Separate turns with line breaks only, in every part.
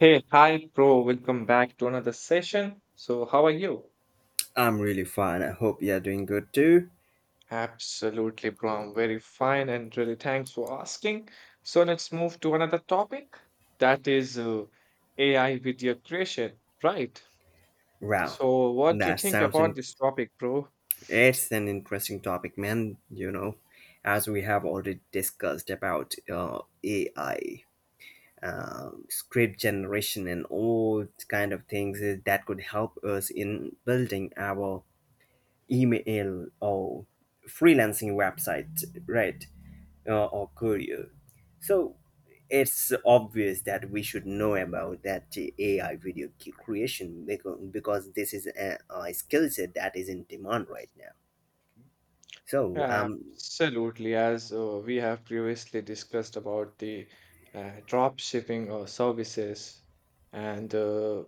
Hey, hi, bro. Welcome back to another session. So, how are you?
I'm really fine. I hope you're doing good too.
Absolutely, bro. I'm very fine and really thanks for asking. So, let's move to another topic that is AI video creation, right?
Wow,
So, what do you
that
think
sounds
about this topic, bro?
It's an interesting topic, man. You know, as we have already discussed about AI, script generation, and all kind of that could help us in building our email or freelancing website, right? Or career. So it's obvious that we should know about that AI video creation because this is a skill set that is in demand right now. So
Absolutely, as we have previously discussed about the drop shipping services and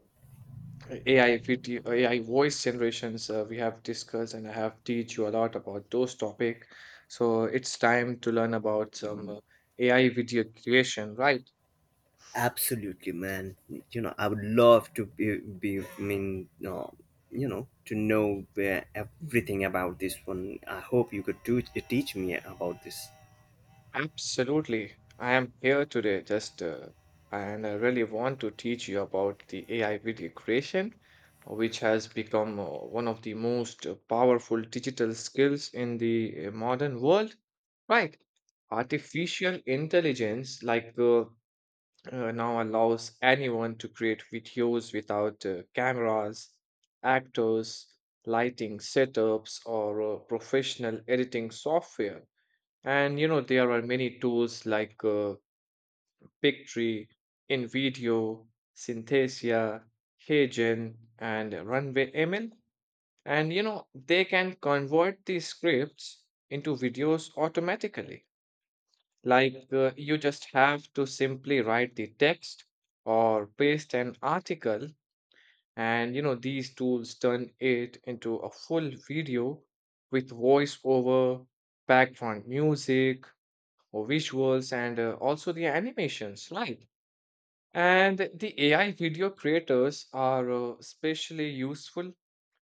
AI video, AI voice generations we have discussed, and I have teach you a lot about those topic. So it's time to learn about some AI video creation, right?
absolutely, man. You know, I would love to be I mean, you know, to know
Mhm.
everything about this one. I hope you could do teach me about this.
Absolutely. I am here today just and I really want to teach you about the AI video creation, which has become one of the most powerful digital skills in the modern world, right? Artificial intelligence, now allows anyone to create videos without cameras, actors, lighting setups, or professional editing software. And you know, there are many tools like Pictree, InVideo, Synthesia, Hagen, and Runway ML. And you know, they can convert these scripts into videos automatically. Like you just have to simply write the text or paste an article, and you know, these tools turn it into a full video with voiceover, background music, or visuals, and also the animations, right? And the AI video creators are especially useful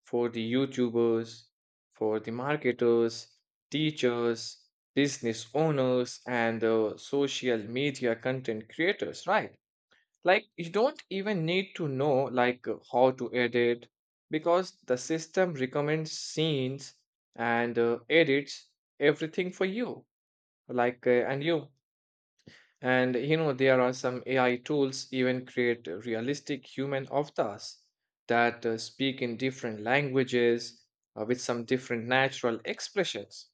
for the YouTubers, for the marketers, teachers, business owners, and social media content creators, right? Like you don't even need to know like how to edit because the system recommends scenes and edits everything for you. Like uh, and you and you know, there are some AI tools even create realistic human avatars that speak in different languages with some different natural expressions.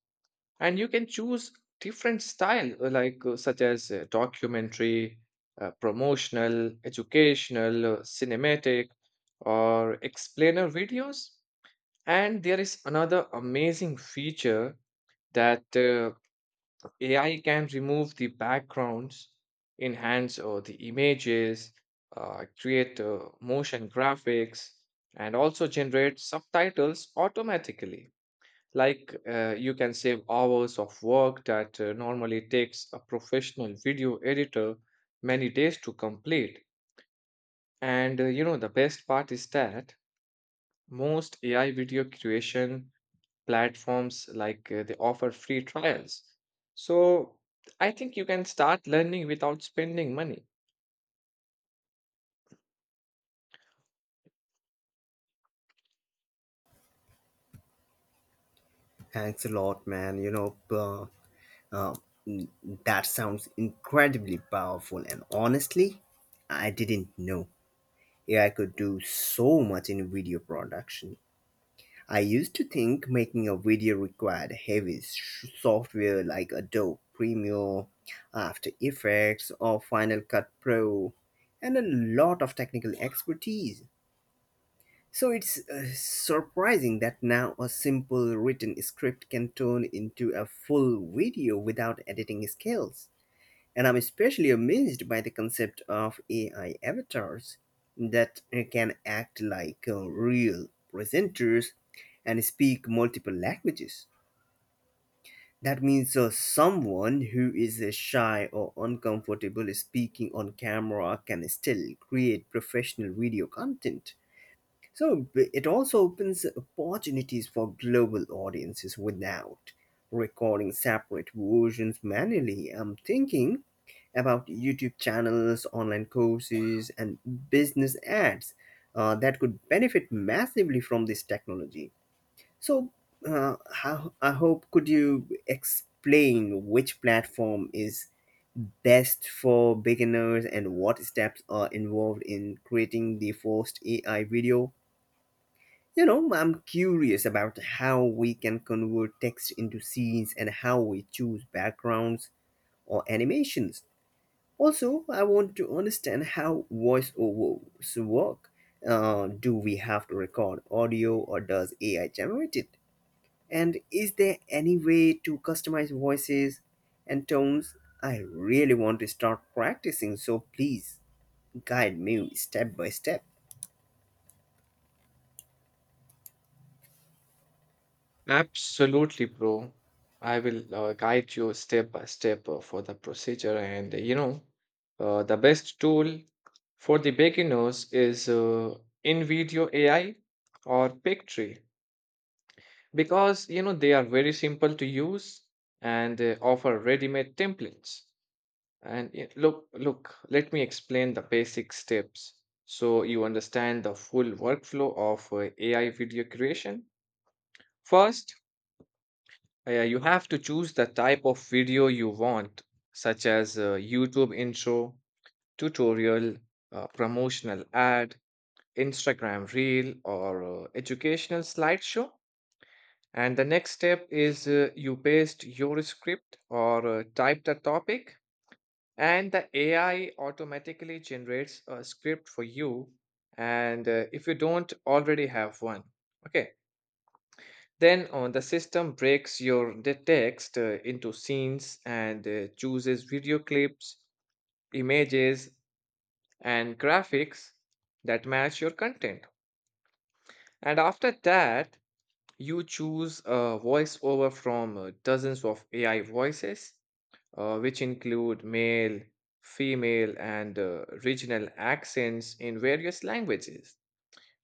And you can choose different style, such as documentary, promotional, educational, cinematic, or explainer videos. And there is another amazing feature that AI can remove the backgrounds, enhance the images, create motion graphics, and also generate subtitles automatically. Like you can save hours of work that normally takes a professional video editor many days to complete. And you know, the best part is that most AI video creation platforms like they offer free trials. So I think you can start learning without spending money.
Thanks a lot, man. Uh, mm, that sounds incredibly powerful, and honestly, I didn't know AI could do so much in video production. I used to think making a video required heavy software like Adobe Premiere, After Effects, or Final Cut Pro, and a lot of technical expertise. So it's surprising that now a simple written script can turn into a full video without editing skills. And I'm especially amazed by the concept of AI avatars that can act like real presenters and speak multiple languages. That means someone who is shy or uncomfortable speaking on camera can still create professional video content. So it also opens opportunities for global audiences without recording separate versions manually. I'm thinking about YouTube channels, online courses, and business ads that could benefit massively from this technology. So, I hope could you explain which platform is best for beginners and what steps are involved in creating the first AI video? You know, I'm curious about how we can convert text into scenes and how we choose backgrounds or animations. Also, I want to understand how voiceovers work. Do we have to record audio or does AI generate it? And is there any way to customize voices and tones? I really want to start practicing, so please guide me step by step.
Absolutely, bro. I will guide you step by step for the procedure. And you know, the best tool for the beginners is InVideo AI or Pictree because you know they are very simple to use and they offer ready-made templates. And let me explain the basic steps so you understand the full workflow of AI video creation. First, yeah, you have to choose the type of video you want, such as YouTube intro, tutorial, promotional ad, Instagram reel, or educational slideshow. And the next step is you paste your script or type the topic and the AI automatically generates a script for you and if you don't already have one, okay, then on the system breaks your the text into scenes and chooses video clips, images, and graphics that match your content, and after that you choose a voiceover from dozens of AI voices which include male, female, and regional accents in various languages.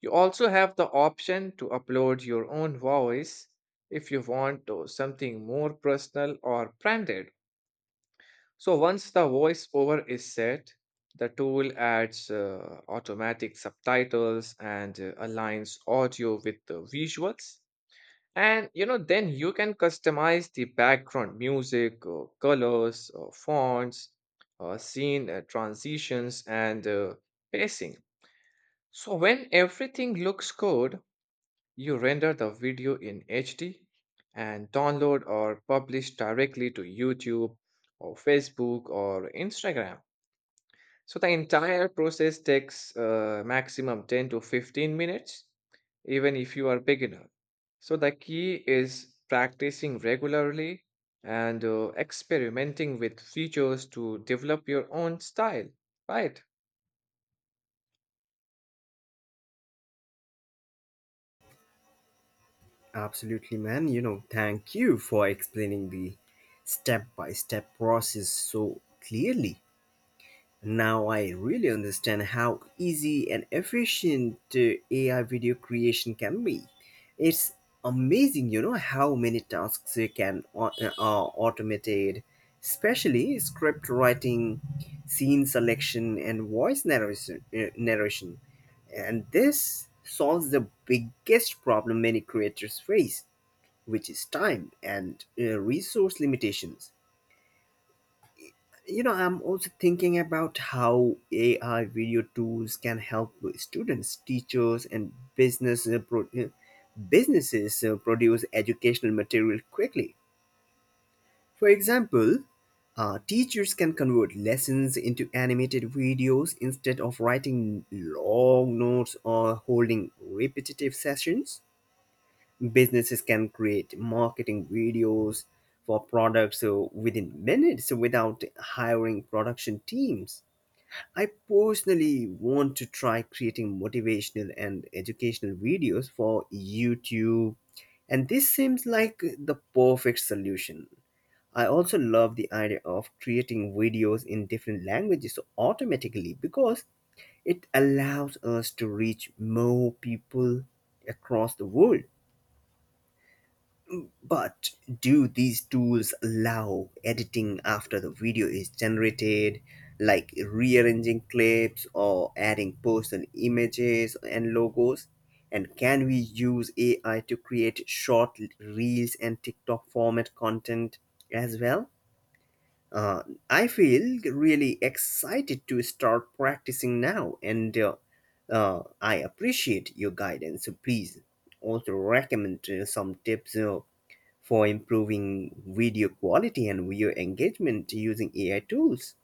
You also have the option to upload your own voice if you want something more personal or branded. So, once the voiceover is set, the tool adds automatic subtitles and aligns audio with the visuals, and you know, then you can customize the background music, colors, fonts, scene transitions, and pacing. So when everything looks good, you render the video in HD and download or publish directly to YouTube or Facebook or Instagram. So the entire process takes maximum 10 to 15 minutes, even if you are beginner. So the key is practicing regularly and experimenting with features to develop your own style, right?
Absolutely, man. You know, thank you for explaining the step by step process so clearly. Now I really understand how easy and efficient AI video creation can be. It's amazing, you know, how many tasks you are automated, especially script writing, scene selection, and voice narration. And this solves the biggest problem many creators face which is time and resource limitations. You know, I'm also thinking about how AI video tools can help students, teachers, and businesses produce educational material quickly. For example, teachers can convert lessons into animated videos instead of writing long notes or holding repetitive sessions. Businesses can create marketing videos for products within minutes without hiring production teams. I personally want to try creating motivational and educational videos for YouTube, and this seems like the perfect solution. I also love the idea of creating videos in different languages automatically because it allows us to reach more people across the world. But do these tools allow editing after the video is generated, like rearranging clips or adding personal images and logos? And can we use AI to create short reels and TikTok format content as well? Uh, I feel really excited to start practicing now, and I appreciate your guidance. So please also recommend some tips for improving video quality and video engagement using AI tools.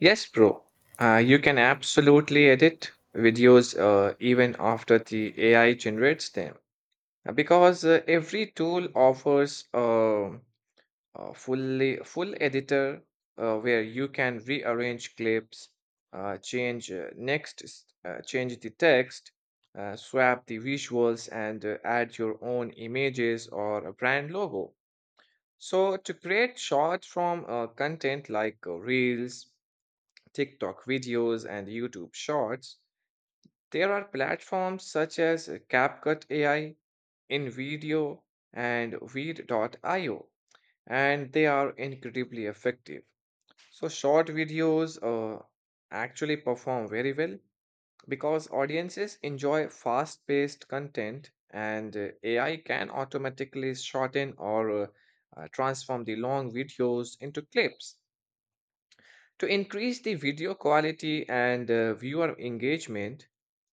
Yes, bro. You can absolutely edit videos even after the AI generates them. Because every tool offers full editor where you can rearrange clips, change the text, swap the visuals, and add your own images or a brand logo. So to create short form content like reels, tiktok videos, and youtube shorts, there are platforms such as capcut ai, invideo, and Weed.io, and they are incredibly effective. So short videos actually perform very well because audiences enjoy fast-paced content, and AI can automatically shorten or transform the long videos into clips. To increase the video quality and viewer engagement,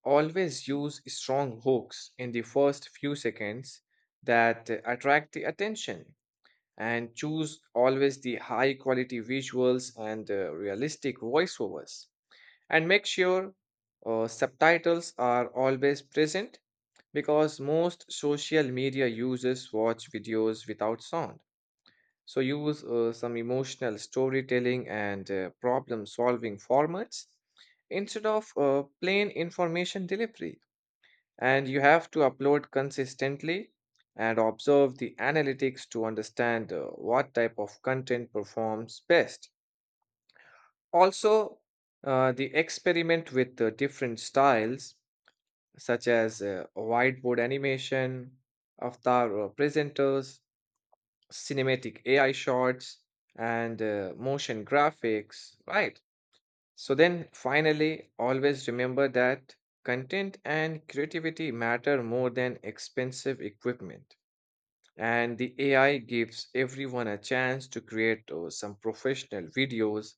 always use strong hooks in the first few seconds that attract the attention, and choose always the high quality visuals and realistic voiceovers. And make sure subtitles are always present because most social media users watch videos without sound. So, use some emotional storytelling and problem solving formats instead of plain information delivery. And you have to upload consistently and observe the analytics to understand what type of content performs best. Also, the experiment with the different styles, such as whiteboard animation, avatar presenters, cinematic AI shots, and motion graphics, right? So then finally, always remember that content and creativity matter more than expensive equipment. And the AI gives everyone a chance to create some professional videos,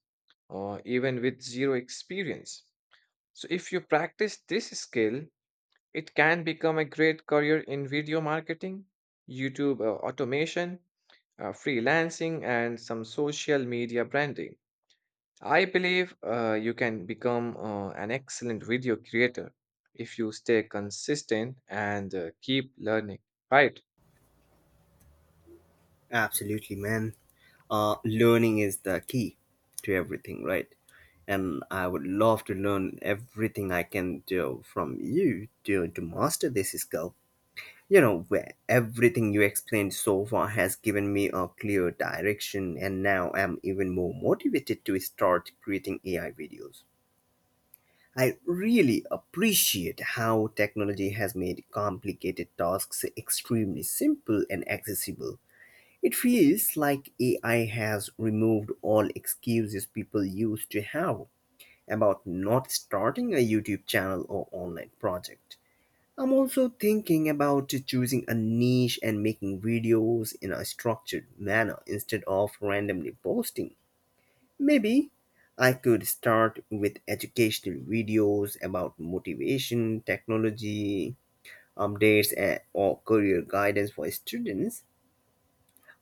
even with zero experience. So if you practice this skill, it can become a great career in video marketing, YouTube automation, freelancing, and some social media branding. I believe you can become an excellent video creator if you stay consistent and keep learning, right?
Absolutely, man. Learning is the key to everything, right? And I would love to learn everything I can do from you to master this skill. You know, where everything you explained so far has given me a clear direction, and now I'm even more motivated to start creating AI videos. I really appreciate how technology has made complicated tasks extremely simple and accessible. It feels like AI has removed all excuses people used to have about not starting a YouTube channel or online project. I'm also thinking about choosing a niche and making videos in a structured manner instead of randomly posting. Maybe I could start with educational videos about motivation, technology, updates, and, or career guidance for students.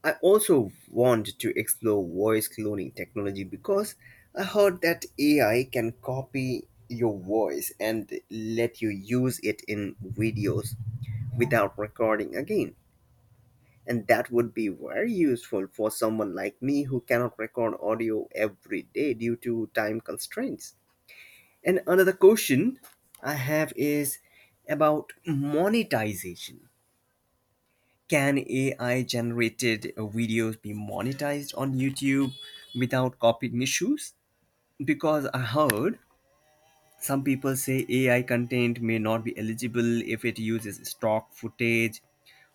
I also want to explore voice cloning technology because I heard that AI can copy your voice and let you use it in videos without recording again. And that would be very useful for someone like me who cannot record audio every day due to time constraints. And another question I have is about monetization. Can AI generated videos be monetized on YouTube without copying issues? Because I heard some people say AI content may not be eligible if it uses stock footage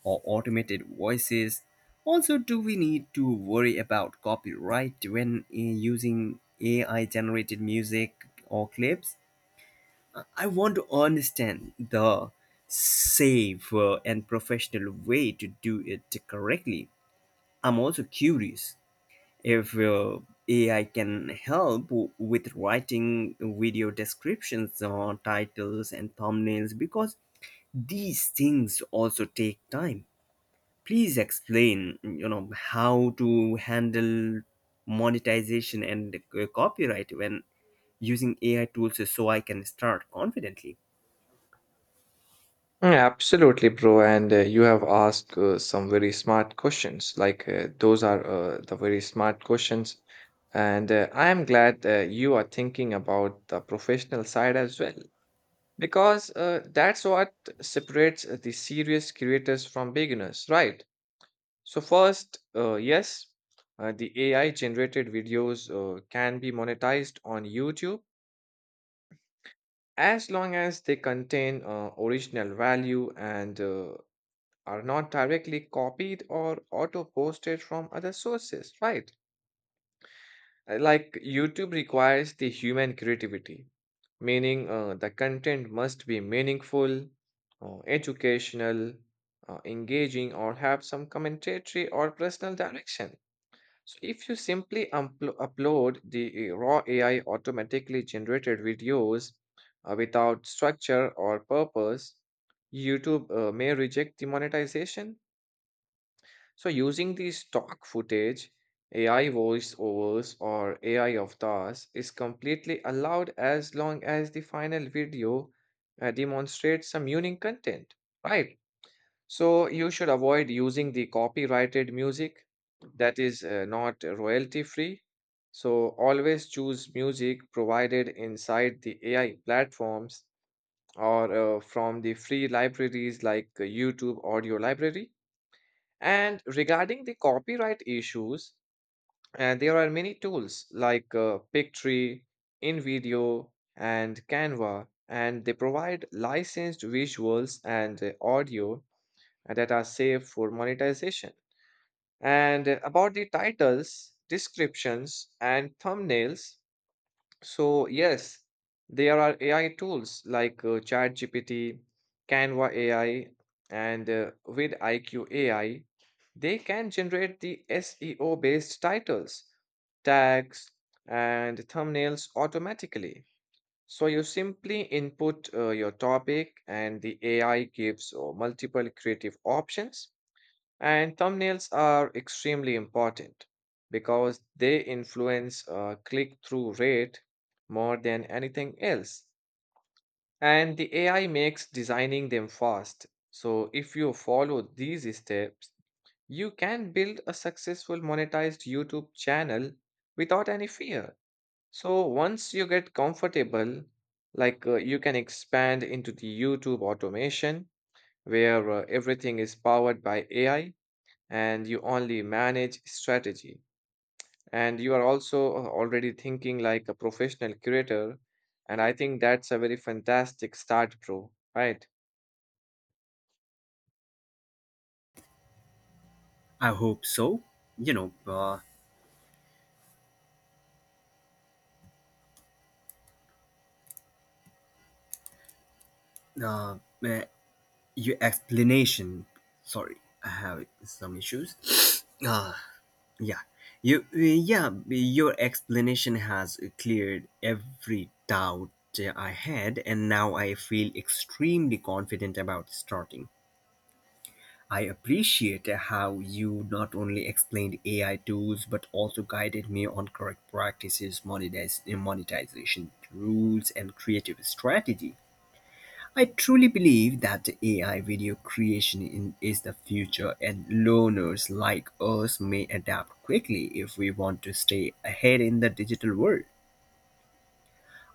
or automated voices. Also, do we need to worry about copyright when using AI generated music or clips? I want to understand the safe and professional way to do it correctly. I'm also curious if AI can help with writing video descriptions or titles and thumbnails because these things also take time. Please explain, you know, how to handle monetization and copyright when using AI tools so I can start confidently.
Mm, absolutely, bro. And you have asked some very smart questions. Those are the very smart questions. And I am glad you are thinking about the professional side as well, because that's what separates the serious creators from beginners, right? So, first, yes, the AI generated videos can be monetized on YouTube as long as they contain original value and are not directly copied or auto posted from other sources, right? Like YouTube requires the human creativity, meaning the content must be meaningful, educational, engaging, or have some commentary or personal direction. So, if you simply upload the raw AI automatically generated videos without structure or purpose, YouTube may reject the monetization. So, using the stock footage, AI voiceovers, or AI avatars is completely allowed as long as the final video demonstrates some unique content, right? So, you should avoid using the copyrighted music that is not royalty free. So, always choose music provided inside the AI platforms or from the free libraries like YouTube Audio Library. And regarding the copyright issues, there are many tools like Pictree, InVideo, and Canva, and they provide licensed visuals and audio that are safe for monetization. And about the titles, descriptions, and thumbnails, so, yes, there are AI tools like ChatGPT, Canva AI, and with IQ AI. They can generate the SEO based titles, tags, and thumbnails automatically. So, you simply input your topic, and the AI gives multiple creative options, and thumbnails are extremely important because they influence click through rate more than anything else. And the AI makes designing them fast. So, if you follow these steps, you can build a successful monetized YouTube channel without any fear. So, once you get comfortable, like you can expand into the YouTube automation where everything is powered by AI and you only manage strategy, and you are also already thinking like a professional curator, and I think that's a very fantastic start, bro, right?
I hope so. you know uh, uh, uh, your explanation, sorry, I have some issues. uh, yeah your explanation has cleared every doubt I had, and now I feel extremely confident about starting. I appreciate how you not only explained AI tools but also guided me on correct practices, monetization rules, and creative strategy. I truly believe that the AI video creation is the future, and learners like us may adapt quickly if we want to stay ahead in the digital world.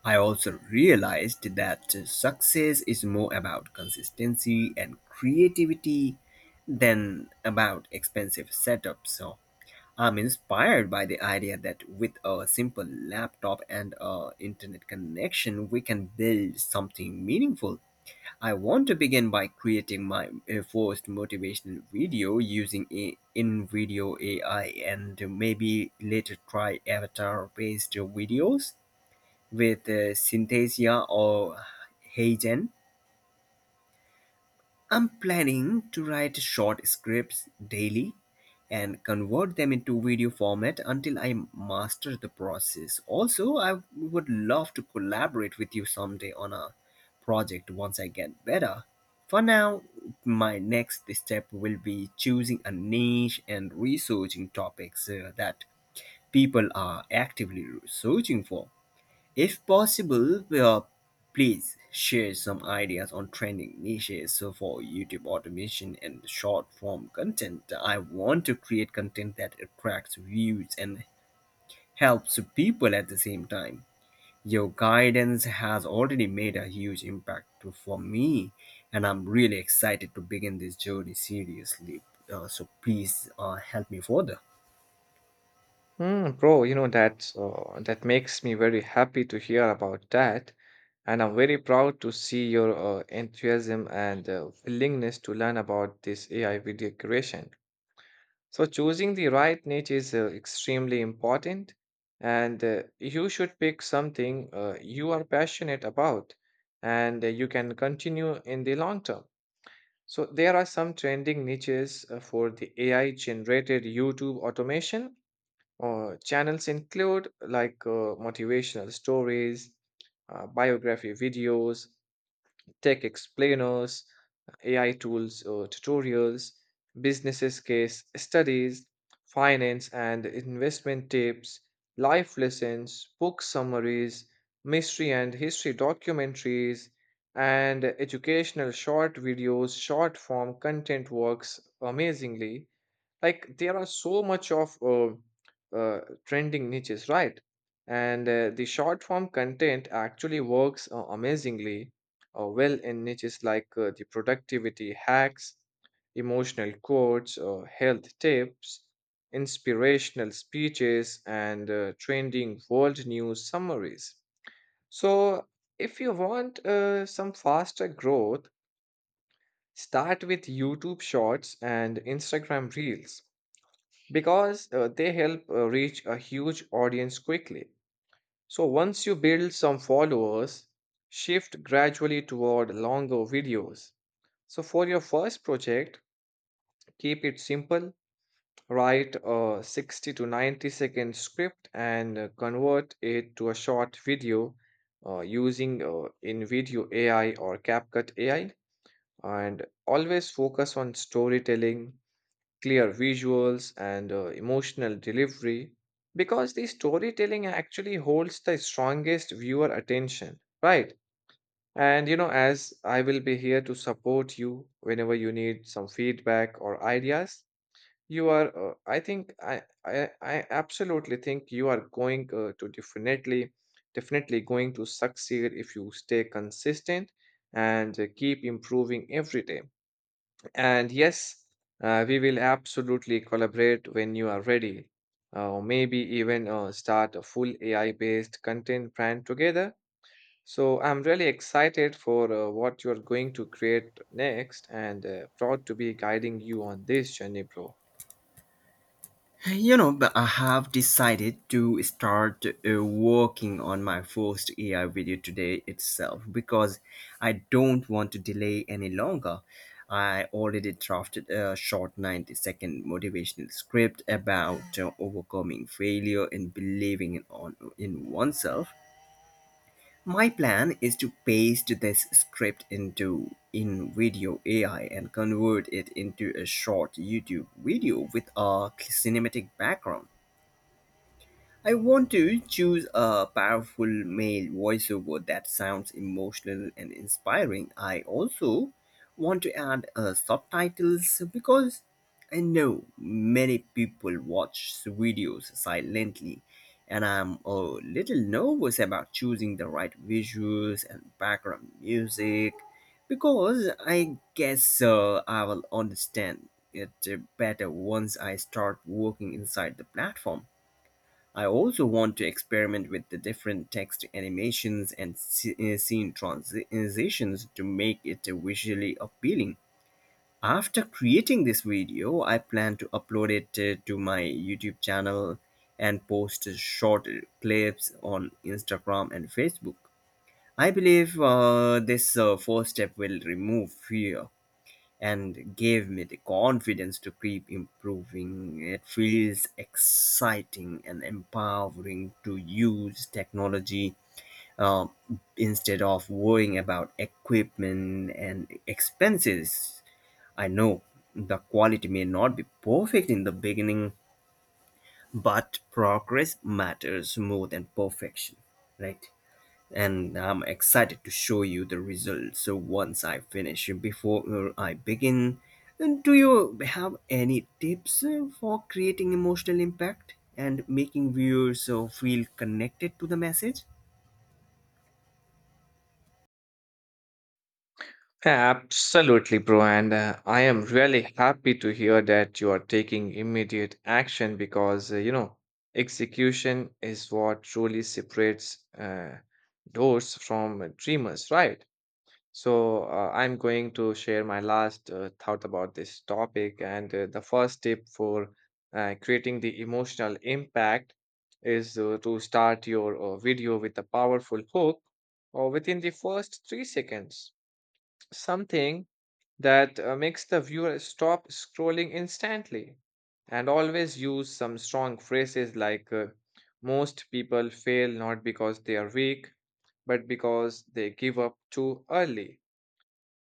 I also realized that success is more about consistency and creativity than about expensive setups. So I'm inspired by the idea that with a simple laptop and a internet connection, we can build something meaningful. I want to begin by creating my first motivational video using a in video AI and maybe later try avatar based videos with Synthesia or Hagen. I'm planning to write short scripts daily and convert them into video format until I master the process. Also, I would love to collaborate with you someday on a project once I get better. For now, my next step will be choosing a niche and researching topics that people are actively searching for. If possible, please share some ideas on trending niches for YouTube automation and short form content. I want to create content that attracts views and helps people at the same time. Your guidance has already made a huge impact for me, and I'm really excited to begin this journey seriously. So please help me further.
Mm, bro, you know that that makes me very happy to hear about that, and I'm very proud to see your enthusiasm and willingness to learn about this AI video creation. So, choosing the right niche is extremely important, and you should pick something you are passionate about and you can continue in the long term. So, there are some trending niches for the AI generated YouTube automation. Channels include like motivational stories, biography videos, tech explainers, AI tools tutorials, businesses case studies, finance and investment tips, life lessons, book summaries, mystery and history documentaries, and educational short videos, short form content works amazingly. Like there are so much of trending niches, right? And The short form content actually works amazingly well in niches like the productivity hacks, emotional quotes, health tips, inspirational speeches, and trending world news summaries. So, if you want some faster growth, start with YouTube Shorts and Instagram Reels because they help reach a huge audience quickly. So once you build some followers, shift gradually toward longer videos. So for your first project, keep it simple. Write a 60 to 90 second script and convert it to a short video using InVideo AI or CapCut AI. And always focus on storytelling, clear visuals, and emotional delivery because the storytelling actually holds the strongest viewer attention, right? And you know, as I will be here to support you whenever you need some feedback or ideas, you are, I think, I absolutely think you are going to definitely, definitely going to succeed if you stay consistent and keep improving every day. And yes, we will absolutely collaborate when you are ready. Maybe even start a full AI-based content brand together. So I'm really excited for what you're going to create next and proud to be guiding you on this journey, bro.
You know, but I have decided to start working on my first AI video today itself because I don't want to delay any longer. I already drafted a short 90-second motivational script about overcoming failure and believing in oneself. My plan is to paste this script into in video AI and convert it into a short YouTube video with a cinematic background. I want to choose a powerful male voiceover that sounds emotional and inspiring. I also want to add subtitles because I know many people watch videos silently, and I'm a little nervous about choosing the right visuals and background music because I guess I will understand it better once I start working inside the platform. I also want to experiment with the different text animations and scene transitions to make it visually appealing. After creating this video, I plan to upload it to my YouTube channel and post short clips on Instagram and Facebook. I believe this first step will remove fear and gave me the confidence to keep improving. It feels exciting and empowering to use technology uh, instead of worrying about equipment and expenses. I know the quality may not be perfect in the beginning, but progress matters more than perfection, right? And I'm excited to show you the results so once I finish. Before I begin, do you have any tips for creating emotional impact and making viewers feel connected to the message?
Absolutely, bro. And I am really happy to hear that you are taking immediate action because, you know, execution is what truly separates doors from dreamers, right? So I'm going to share my last thought about this topic. And the first tip for creating the emotional impact is to start your video with a powerful hook or within the first 3 seconds. Something that makes the viewer stop scrolling instantly, and always use some strong phrases like most people fail not because they are weak but because they give up too early,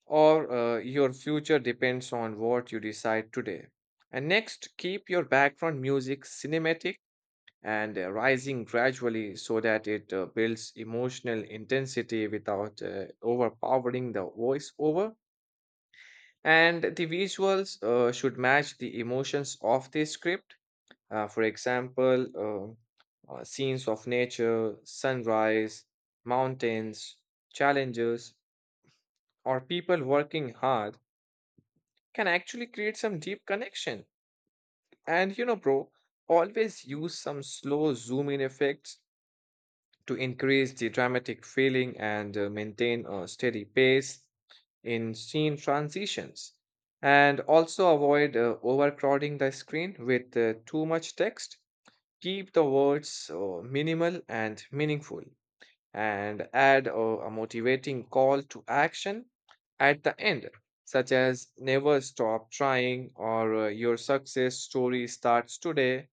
or your future depends on what you decide today. And next, keep your background music cinematic and rising gradually so that it builds emotional intensity without overpowering the voiceover. And the visuals should match the emotions of the script. For example, scenes of nature, sunrise, mountains, challenges, or people working hard can actually create some deep connection. And you know, bro, always use some slow zoom in effects to increase the dramatic feeling and maintain a steady pace in scene transitions, and also avoid overcrowding the screen with too much text. Keep the words minimal and meaningful, and add a motivating call to action at the end, such as never stop trying, or your success story starts today.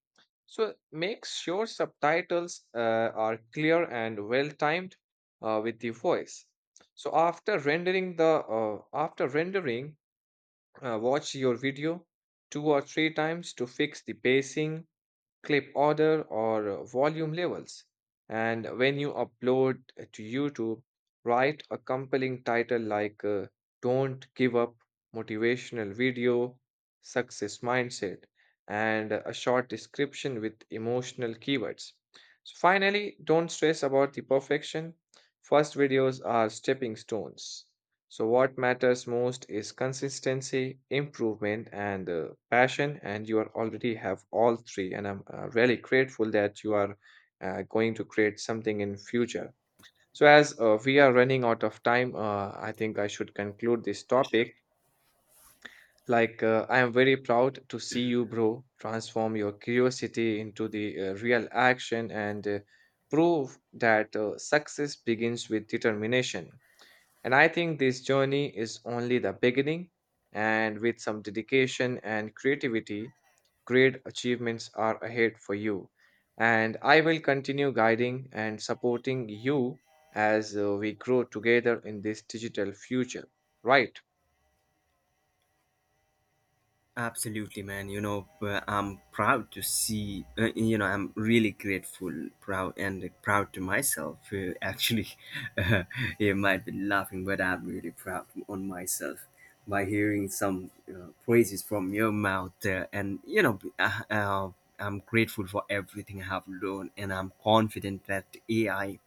So make sure subtitles are clear and well timed with the voice. So after rendering, watch your video two or three times to fix the pacing, clip order, or volume levels. And when you upload to YouTube, write a compelling title like Don't Give Up Motivational Video Success Mindset, and a short description with emotional keywords. So finally, don't stress about the perfection. First videos are stepping stones. So, what matters most is consistency, improvement, and passion. And you are already have all three. And I'm really grateful that you are going to create something in future. So, as we are running out of time, I think I should conclude this
Yes.
topic. Like, I am very proud to see you, bro, transform your curiosity into the real action, and prove that success begins with determination. And I think this journey is only the beginning, and with some dedication and creativity, great achievements are ahead for you. And I will continue guiding and supporting you as we grow together in this digital future. Right?
Absolutely, man. I'm proud to see. I'm really grateful, proud, and proud to myself. Actually, uh, you might be laughing, but I'm really proud on myself by hearing some praises from your mouth. I'm grateful for everything I have learned, and I'm confident that AI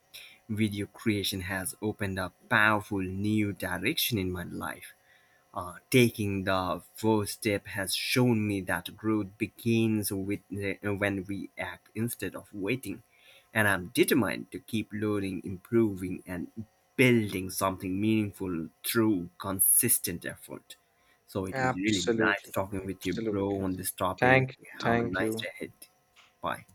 video creation has opened up powerful new direction in my life. Uh, Taking the first step has shown me that growth begins with when we act instead of waiting, and I'm determined to keep learning, improving, and building something meaningful through consistent effort. So it was really nice
Absolutely.
talking with you, bro,
Absolutely.
on this topic.
Thank you.
Have a
Thank
nice
you.
day ahead. Bye.